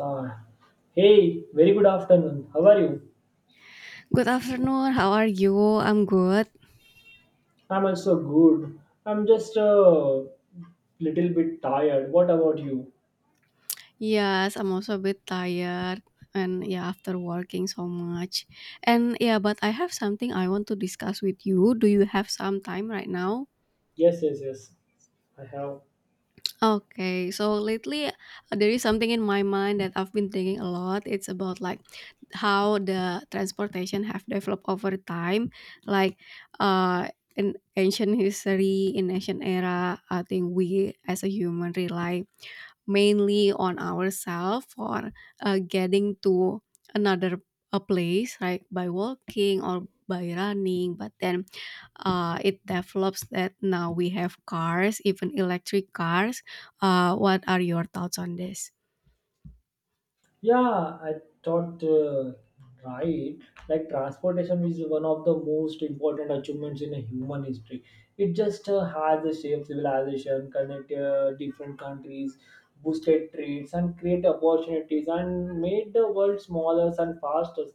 Are Hey, very good afternoon. How are you? Good afternoon. How are you? I'm good. I'm also good. I'm just a little bit tired. What about you? Yes, I'm also a bit tired and yeah, after working so much. And yeah, but I have something I want to discuss with you. Do you have some time right now? Yes, yes, yes. I have. Okay, so lately there is something in my mind that I've been thinking a lot. It's about like how the transportation have developed over time, like uh in ancient history, in ancient era. I think we as a human rely mainly on ourselves for getting to another a place, right, by walking or by running, but then it develops that now we have cars, even electric cars. What are your thoughts on this? Yeah, I thought right. Like transportation is one of the most important achievements in a human history. It just has shaped civilization, connect different countries, boosted trades, and create opportunities, and made the world smaller and faster.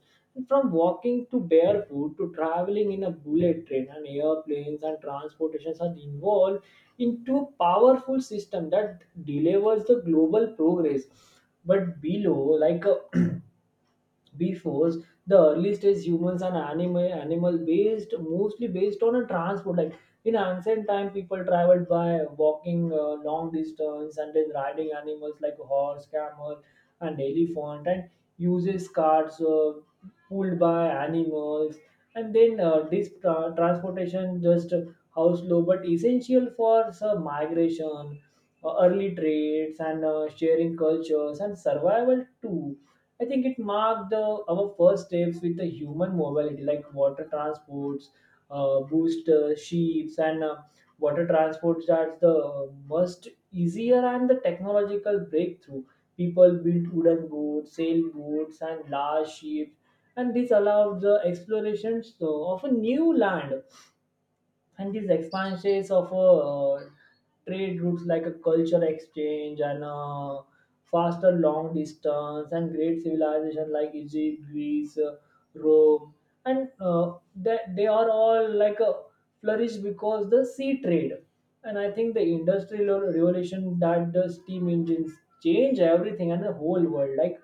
From walking to barefoot to traveling in a bullet train and airplanes and transportations are involved into a powerful system that delivers the global progress, but below, like a before, the early stage humans and animal based, mostly based on a transport. Like in ancient time, people traveled by walking long distance and then riding animals like horse, camel, and elephant, and uses carts pulled by animals. And then this transportation just how slow, but essential for some migration, early trades, and sharing cultures and survival too. I think it marked our first steps with the human mobility, like water transports, boost ships, and water transports are the most easier and the technological breakthrough. People built wooden boats, sailboats, and large ships, and this allowed the explorations of a new land and these expansions of trade routes, like a culture exchange and faster long distance and great civilization like Egypt, Greece, Rome, and that they are all like flourished because the sea trade. And I think the industrial revolution, that the steam engines change everything and the whole world. Like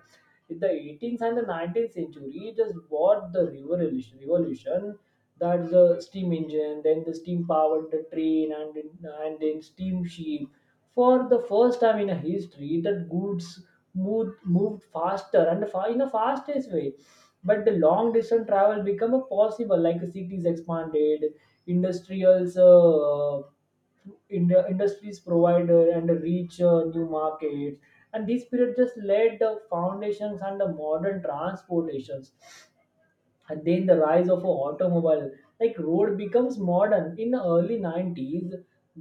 in the 18th and the 19th century, it is what the revolution that the steam engine, then the steam powered the train and then steam ship. For the first time in a history, that goods moved faster and in a fastest way. But the long distance travel become a possible, like cities expanded, industrials. In the industries provider and reach new markets, and this period just laid the foundations and the modern transportations. And then the rise of automobile, like road becomes modern in the early 90s,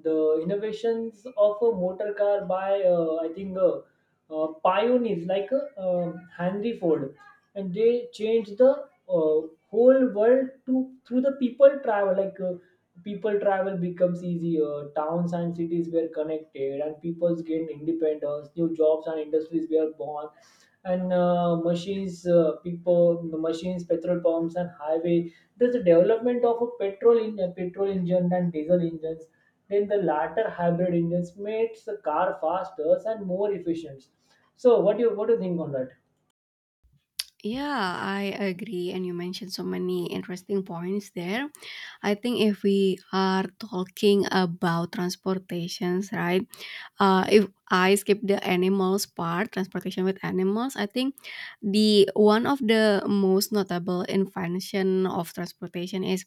the innovations of a motor car by I think pioneers like Henry Ford. And they changed the uh, whole world to through the people travel, like people travel becomes easier, towns and cities were connected, and peoples gained independence, new jobs and industries were born, and machines people machines, petrol pumps, and highway. There's a development of a petrol in petrol engine and diesel engines, then the latter hybrid engines makes the car faster and more efficient. So what do you think on that? Yeah, I agree, and you mentioned so many interesting points there. I think if we are talking about transportations, right, if I skip the animals part, transportation with animals, I think the one of the most notable invention of transportation is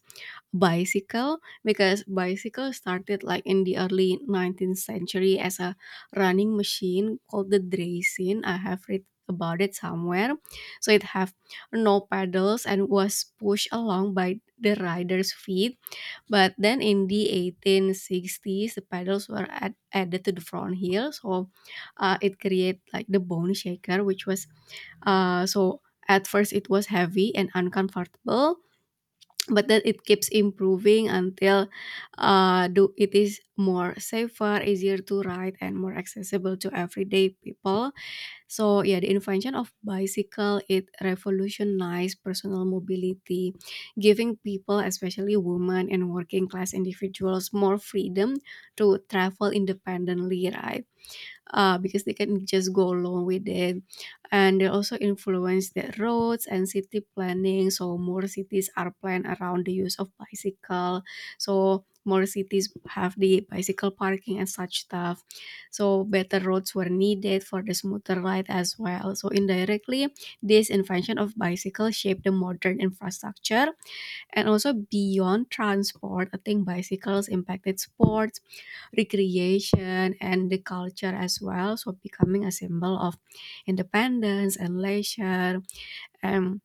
bicycle, because bicycle started like in the early 19th century as a running machine called the draysin. I have read about it somewhere. So it have no pedals and was pushed along by the rider's feet, but then in the 1860s, the pedals were added to the front heel, so it created like the bone shaker, which was uh, so at first it was heavy and uncomfortable, but then it keeps improving until it is more safer, easier to ride, and more accessible to everyday people. So yeah, the invention of bicycle, it revolutionized personal mobility, giving people, especially women and working class individuals, more freedom to travel independently, right? Because they can just go along with it. And they also influence the roads and city planning. So more cities are planned around the use of bicycle. So more cities have the bicycle parking and such stuff. So better roads were needed for the smoother ride as well. So indirectly, this invention of bicycle shaped the modern infrastructure, and also beyond transport, I think bicycles impacted sports, recreation, and the culture as well. So becoming a symbol of independence and leisure. And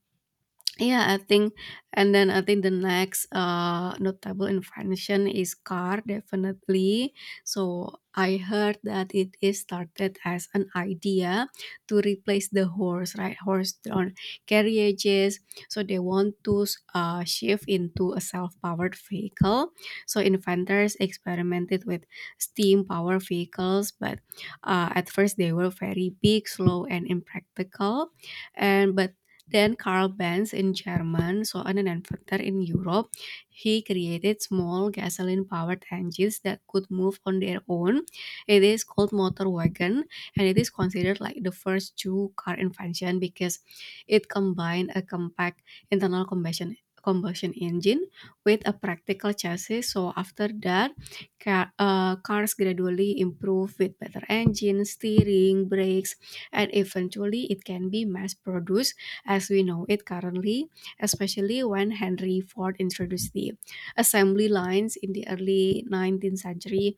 yeah, I think, and then I think the next notable invention is car, definitely. So I heard that it is started as an idea to replace the horse, right? Horse-drawn carriages. So they want to shift into a self-powered vehicle. So inventors experimented with steam-powered vehicles, but at first they were very big, slow, and impractical. And but then Karl Benz in German saw an inventor in Europe. He created small gasoline-powered engines that could move on their own. It is called motor wagon, and it is considered like the first two car invention because it combined a compact internal combustion engine with a practical chassis. So after that, cars gradually improve with better engines, steering, brakes, and eventually it can be mass produced as we know it currently, especially when Henry Ford introduced the assembly lines in the early 19th century,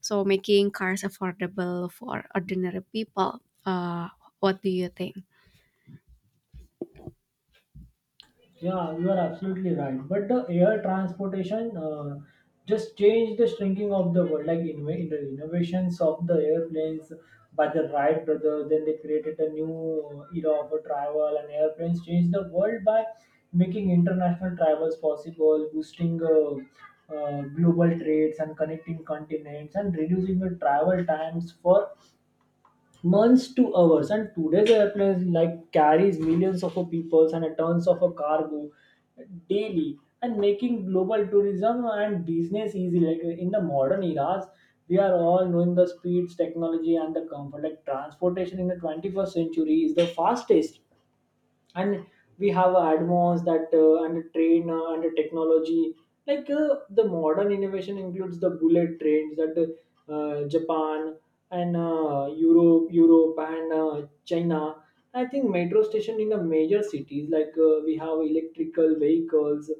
so making cars affordable for ordinary people. Uh, what do you think? Yeah, you are absolutely right. But the air transportation just changed the shrinking of the world, like in the innovations of the airplanes by the Wright brothers. Then they created a new era of a travel, and airplanes changed the world by making international travels possible, boosting global trades and connecting continents, and reducing the travel times for months to hours. And today's airplane like carries millions of people and tons of cargo daily and making global tourism and business easy. Like in the modern eras, we are all knowing the speeds technology and the comfort. Like transportation in the 21st century is the fastest, and we have advanced that and train and technology. Like the modern innovation includes the bullet trains that Japan and Europe and China. I think metro station in the major cities, like we have electrical vehicles,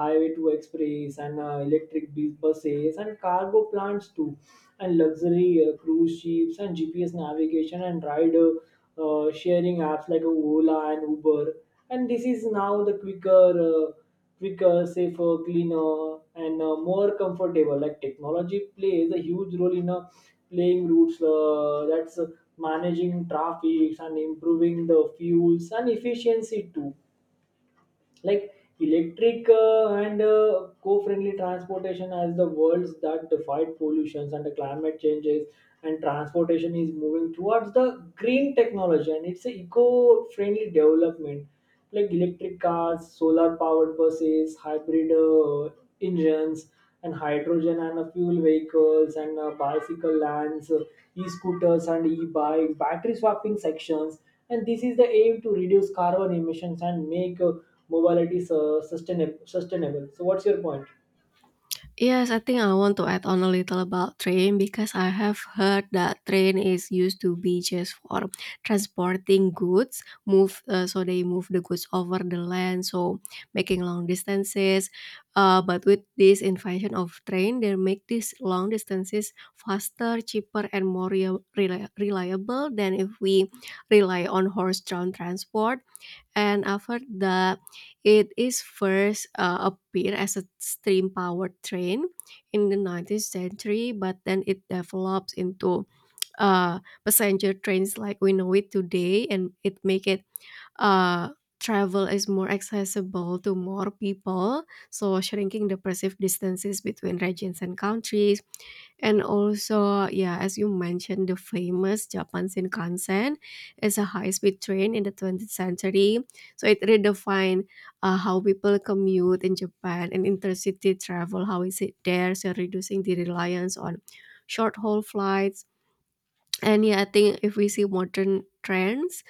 highway to express, and electric buses and cargo plants too, and luxury cruise ships and GPS navigation and rider sharing apps like Ola and Uber. And this is now the quicker, safer, cleaner, and more comfortable. Like technology plays a huge role in playing routes. That's managing traffic and improving the fuels and efficiency too, like electric and co-friendly transportation as the worlds that defied pollutions and the climate changes. And transportation is moving towards the green technology, and it's a eco-friendly development like electric cars, solar powered buses, hybrid engines, and hydrogen and fuel vehicles, and bicycle lands, e scooters, and e bikes, battery swapping sections. And this is the aim to reduce carbon emissions and make mobility sustainable. So, what's your point? Yes, I think I want to add on a little about train, because I have heard that train is used to be just for transporting goods, move so they move the goods over the land, so making long distances. But with this invention of train, they make these long distances faster, cheaper, and more reliable than if we rely on horse-drawn transport, and after that it is first appear as a steam powered train in the 19th century, but then it develops into uh, passenger trains like we know it today, and it make it uh, travel is more accessible to more people, so shrinking the perceived distances between regions and countries. And also, yeah, as you mentioned, the famous Japan Shinkansen is a high-speed train in the 20th century. So it redefined how people commute in Japan and intercity travel, how is it there, so reducing the reliance on short-haul flights. And yeah, I think if we see modern trends,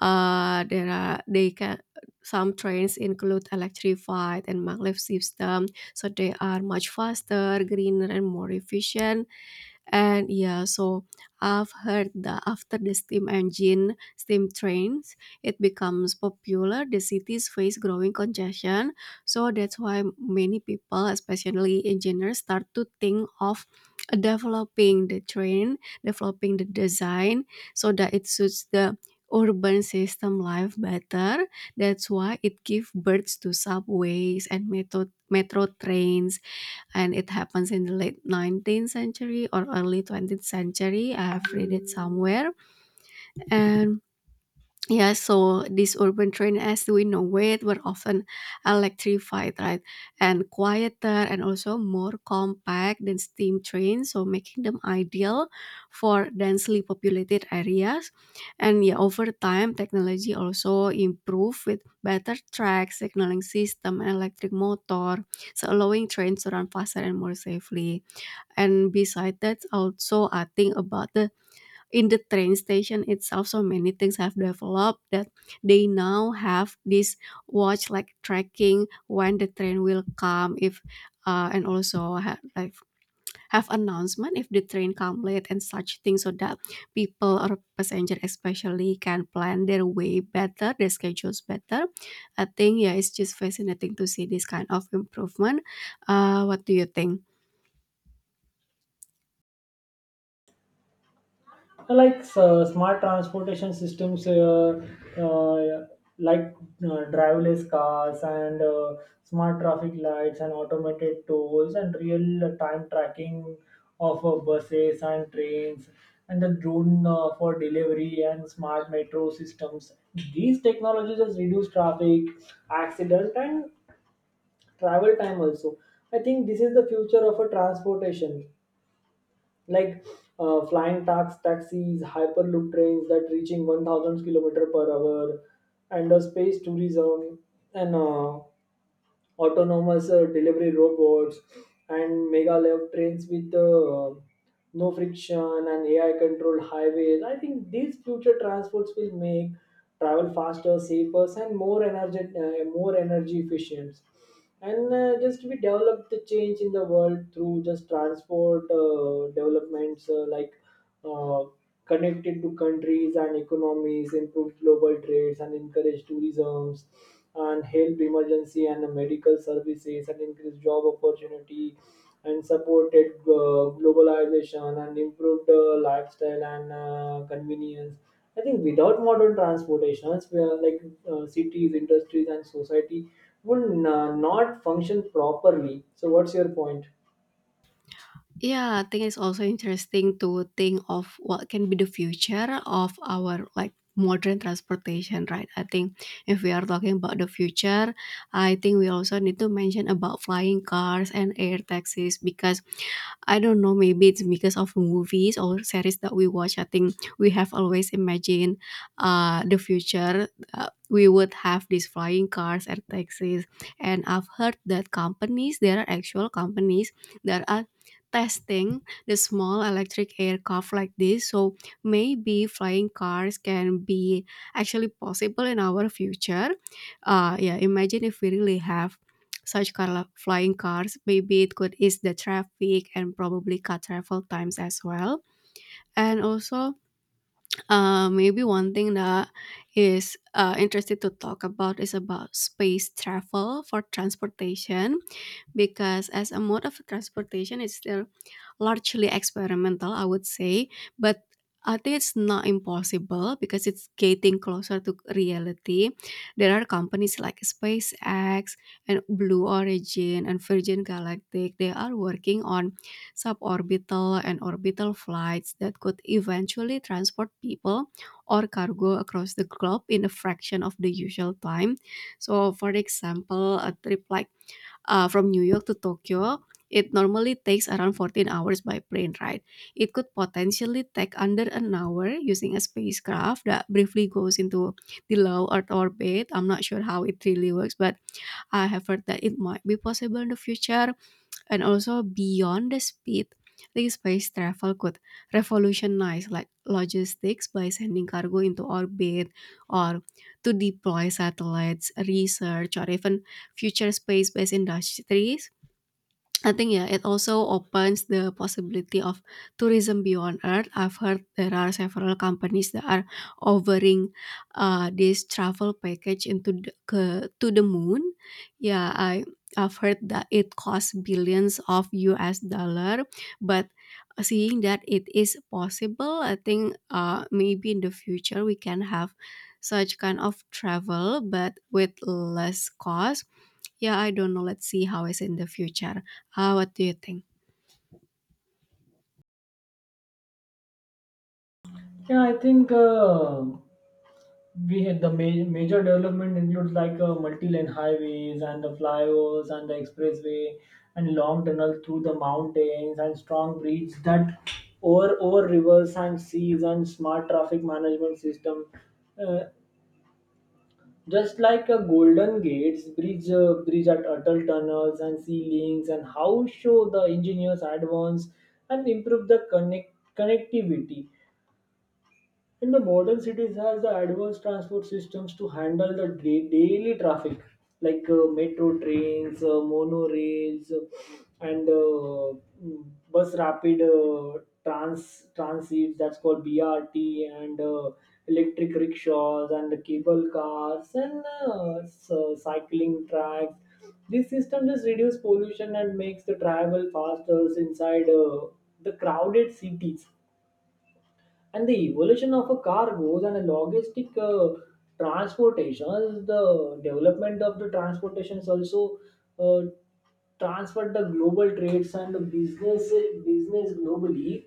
there are they can some trains include electrified and maglev system, so they are much faster, greener, and more efficient. And yeah, so I've heard that after the steam engine, steam trains, it becomes popular. The cities face growing congestion. So that's why many people, especially engineers, start to think of developing the train, developing the design so that it suits the urban system life better. That's why it gives birth to subways and metro trains, and it happens in the late 19th century or early 20th century, I have read it somewhere. And yeah, so these urban train as we know it were often electrified, right, and quieter and also more compact than steam trains, so making them ideal for densely populated areas. And yeah, over time technology also improved with better track signaling system and electric motor, so allowing trains to run faster and more safely. And beside that, also I think about the in the train station itself, so many things have developed, that they now have this watch like tracking when the train will come if and also have like have announcement if the train come late and such things, so that people or passenger especially can plan their way better, their schedules better. I think yeah, it's just fascinating to see this kind of improvement. What do you think? Like smart transportation systems, uh, like driverless cars and smart traffic lights and automated tolls and real time tracking of buses and trains and the drone for delivery and smart metro systems. These technologies just reduce traffic accident and travel time also. I think this is the future of a transportation, like flying taxis, hyperloop trains that reaching 1,000 kilometer per hour, and space tourism, and autonomous delivery robots and mega lev trains with no friction and AI controlled highways. I think these future transports will make travel faster, safer, and more energy efficient. And just we develop the change in the world through just transport developments like uh, connected to countries and economies, improve global trades, and encourage tourism, and help emergency and medical services, and increase job opportunity, and supported globalization, and improved lifestyle and convenience. I think without modern transportations we are like cities, industries, and society would not function properly. So what's your point? Yeah, I think it's also interesting to think of what can be the future of our like modern transportation, right? I think if we are talking about the future, I think we also need to mention about flying cars and air taxis, because I don't know, maybe it's because of movies or series that we watch. I think we have always imagined the future. We would have these flying cars and taxis. And I've heard that companies, there are actual companies that are testing the small electric aircraft like this. So maybe flying cars can be actually possible in our future. Yeah, imagine if we really have such car flying cars, maybe it could ease the traffic and probably cut travel times as well. And also, maybe one thing that is interested to talk about is about space travel for transportation, because as a mode of transportation it's still largely experimental, I would say, but I think it's not impossible because it's getting closer to reality. There are companies like SpaceX and Blue Origin and Virgin Galactic. They are working on suborbital and orbital flights that could eventually transport people or cargo across the globe in a fraction of the usual time. So for example, a trip like from New York to Tokyo, it normally takes around 14 hours by plane ride. It could potentially take under an hour using a spacecraft that briefly goes into the low Earth orbit. I'm not sure how it really works, but I have heard that it might be possible in the future. And also beyond the speed, this space travel could revolutionize like logistics by sending cargo into orbit or to deploy satellites research or even future space-based industries. I think yeah, it also opens the possibility of tourism beyond Earth. I've heard there are several companies that are offering this travel package into to the moon. Yeah, I've heard that it costs billions of US dollar, but seeing that it is possible, I think maybe in the future we can have such kind of travel, but with less cost. Yeah, I don't know. Let's see how it's in the future. What do you think? Yeah, I think. We had the major development includes like multi-lane highways and the flyovers and the expressway and long tunnel through the mountains and strong bridges that over rivers and seas and smart traffic management system. Uh, just like a Golden Gates bridge, bridge at Atal tunnels and sea links, and how show the engineers advance and improve the connectivity. And the modern cities has the advanced transport systems to handle the daily traffic, like metro trains, monorails, and uh, mm, bus rapid transit, that's called BRT, and electric rickshaws, and the cable cars, and cycling tracks. This system just reduces pollution and makes the travel faster inside the crowded cities. And the evolution of a cargoes and a logistic transportation, the development of the transportations also uh, transferred the global trades and the business globally.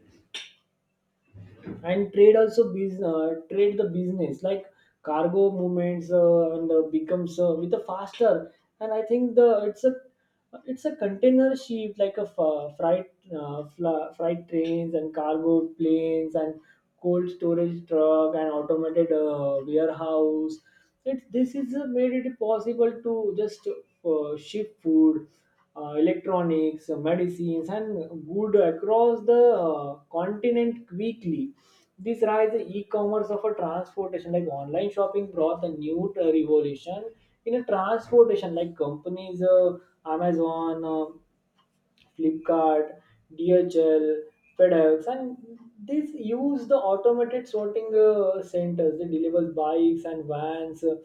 And trade also trade the business like cargo movements and becomes with a faster. And I think the it's a container ship like a freight trains and cargo planes and cold storage truck and automated warehouse. It, this is made it possible to just ship food, electronics, medicines, and good across the continent quickly. This rise in e-commerce of a transportation, like online shopping, brought a new revolution in a transportation, like companies Amazon, Flipkart, DHL, FedEx, and these use the automated sorting centers. They deliver bikes and vans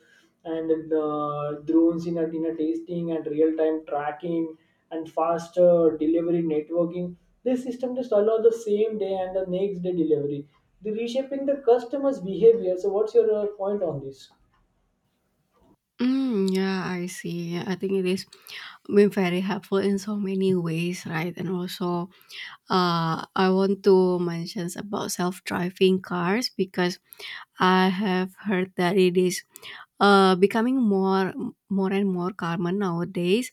and drones in a tasting and real time tracking and faster delivery networking. This system just allow the same day and the next day delivery. The reshaping the customer's behavior. So, what's your point on this? Mm, yeah, I see. I think it is been very helpful in so many ways, right? And also, I want to mention about self-driving cars, because I have heard that it is becoming more and more common nowadays.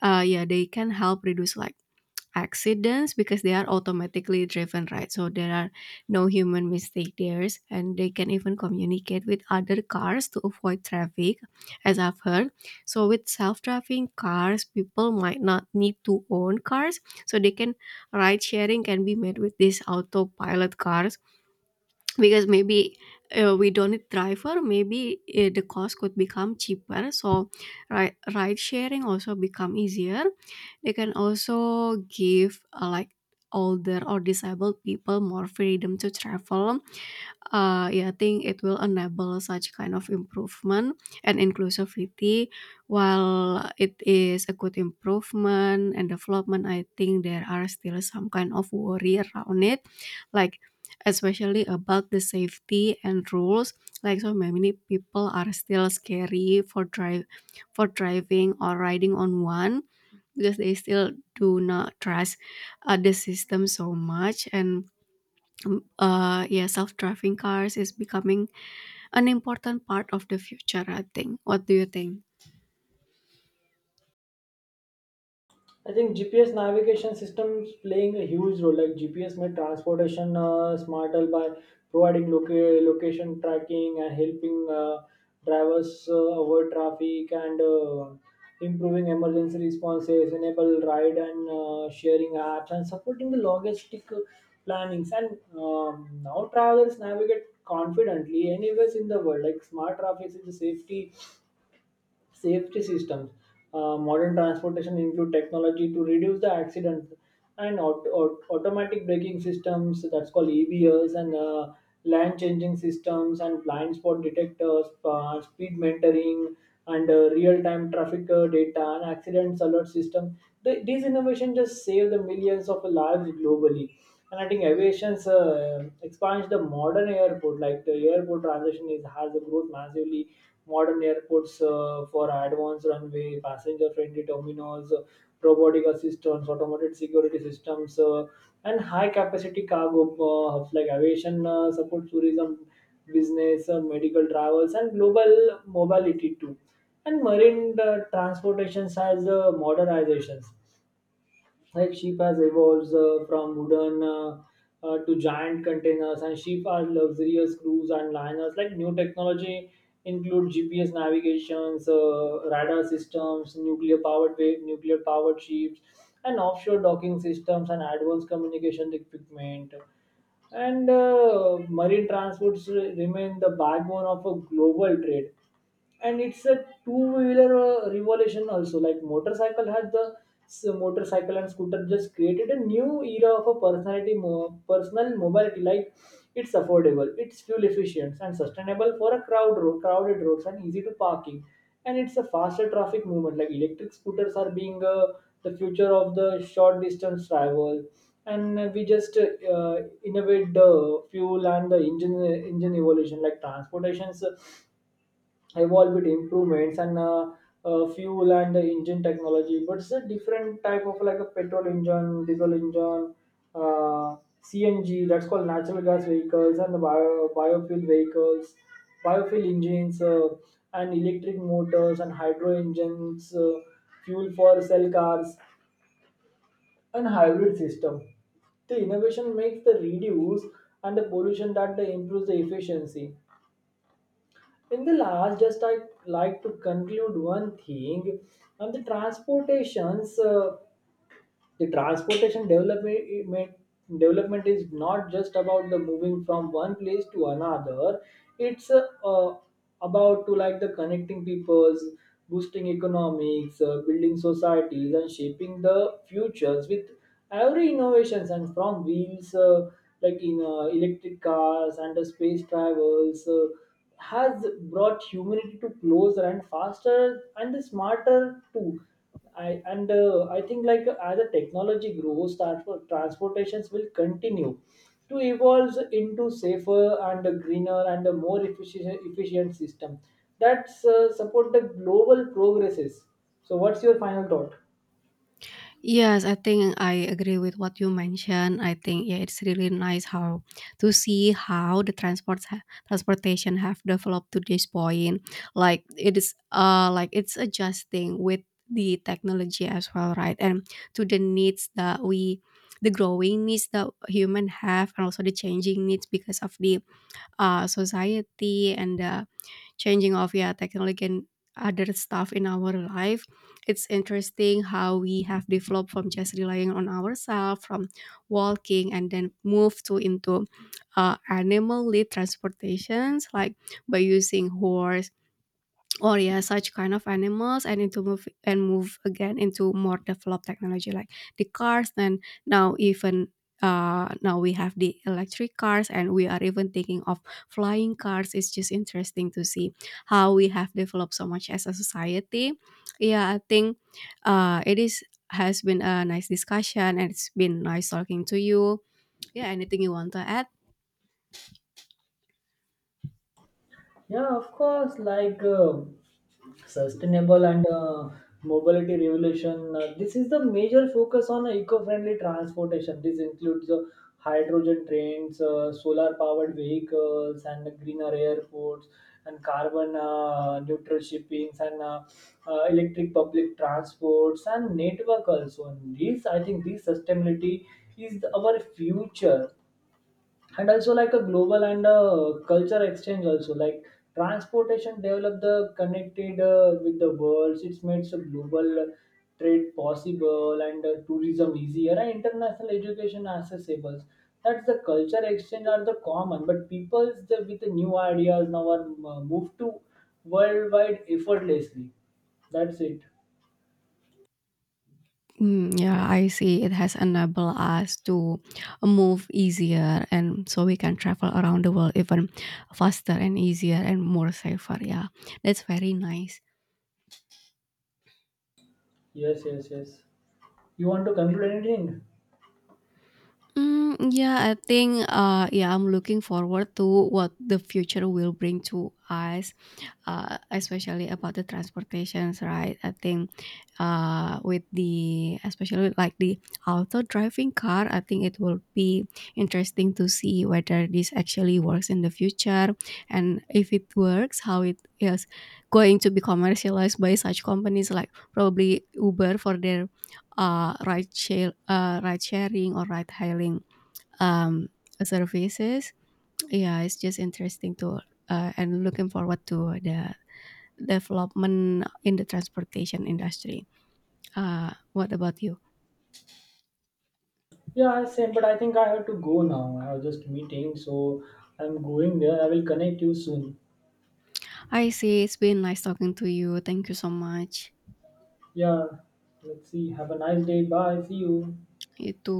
Yeah, they can help reduce like accidents because they are automatically driven, right, so there are no human mistake there, and they can even communicate with other cars to avoid traffic, as I've heard. So with self-driving cars, people might not need to own cars, so they can ride sharing can be made with these autopilot cars, because maybe we don't need driver, maybe the cost could become cheaper, so ride sharing also become easier. They can also give like older or disabled people more freedom to travel. Yeah, I think it will enable such kind of improvement and inclusivity. While it is a good improvement and development, I think there are still some kind of worry around it, like especially about the safety and rules. Like, so many people are still scary for driving or riding on one, because they still do not trust the system so much, and yeah, self-driving cars is becoming an important part of the future, I think. What do you think? I think GPS navigation systems playing a huge role. Like GPS made transportation smarter by providing location tracking and helping drivers avoid traffic and improving emergency responses, enable ride and sharing apps, and supporting the logistic plannings. And now travelers navigate confidently anywhere in the world. Like smart traffic is a safety systems. Modern transportation include technology to reduce the accidents and automatic braking systems, that's called EBS, and lane changing systems and blind spot detectors, speed monitoring, and real-time traffic data and accidents alert system. The, these innovations just save the millions of lives globally. And I think aviation's expands the modern airport, like the airport transition is has a growth massively. Modern airports for advanced runway, passenger-friendly terminals, robotic assistants, automated security systems, and high-capacity cargo hubs. Like aviation support tourism, business, medical travels, and global mobility too. And marine transportations as modernizations, like sheep has evolved from wooden to giant containers, and sheep are luxurious cruise and liners. Like new technology include GPS navigations, radar systems, nuclear powered ships, and offshore docking systems and advanced communication equipment. And marine transports remain the backbone of a global trade. And it's a two-wheeler revolution also. Like motorcycle had the motorcycle and scooter just created a new era of a personal mobility. Like it's affordable, it's fuel efficient and sustainable for a crowded roads and easy to parking. And it's a faster traffic movement. Like electric scooters are being the future of the short distance travel. And we just innovate the fuel and the engine evolution, like transportations evolve with improvements and fuel and the engine technology, but it's a different type of like a petrol engine, diesel engine, uh, CNG, that's called natural gas vehicles, and the biofuel vehicles, biofuel engines, and electric motors and hydro engines, fuel for cell cars and hybrid system. The innovation makes the reduce and the pollution that they improves the efficiency. In the last, just I like to conclude one thing, and the transportations, the transportation development is not just about the moving from one place to another, it's about to like the connecting peoples, boosting economics, building societies, and shaping the futures with every innovations. And from wheels, like in electric cars and the space travels, has brought humanity to closer and faster and smarter too. I think like as the technology grows, transportations will continue to evolve into safer and a greener and a more efficient system that support the global progresses. So, what's your final thought? Yes, I think I agree with what you mentioned. I think yeah, it's really nice how to see how the transports transportation have developed to this point. Like, it is like it's adjusting with the technology as well, right? And to the needs that we the growing needs that human have, and also the changing needs because of the society and the changing of yeah technology and other stuff in our life. It's interesting how we have developed from just relying on ourselves from walking, and then move to into animal lead transportations like by using horse or yeah such kind of animals, and into move and move again into more developed technology like the cars, and now even now we have the electric cars, and we are even thinking of flying cars. It's just interesting to see how we have developed so much as a society. Yeah, I think it is has been a nice discussion, and it's been nice talking to you. Yeah, anything you want to add? Yeah, of course. Like sustainable and mobility revolution. This is the major focus on eco-friendly transportation. This includes hydrogen trains, solar-powered vehicles, and greener airports, and carbon neutral shippings, and electric public transports, and network also. And these, I think, these sustainability is our future. And also like a global and a culture exchange also, like transportation developed the connected with the world, it's made some global trade possible and tourism easier and international education accessible. That's the culture exchange are the common, but people's the, with the new ideas now are moved to worldwide effortlessly. That's it. Mm, yeah, I see. It has enabled us to move easier, and so we can travel around the world even faster and easier and more safer. Yeah, that's very nice. Yes, yes, yes. You want to conclude anything? Mm, yeah, I think yeah, I'm looking forward to what the future will bring to us. Especially about the transportations, right? I think with the especially with like the auto driving car, I think it will be interesting to see whether this actually works in the future, and if it works, how it is going to be commercialized by such companies like probably Uber for their ride sharing or ride hailing um, services. Yeah, it's just interesting to and looking forward to the development in the transportation industry. What about you? Yeah, same, but I think I have to go now. I have just meeting, so I'm going there. I will connect you soon. I see. It's been nice talking to you. Thank you so much. Yeah, let's see. Have a nice day. Bye. See you. Itu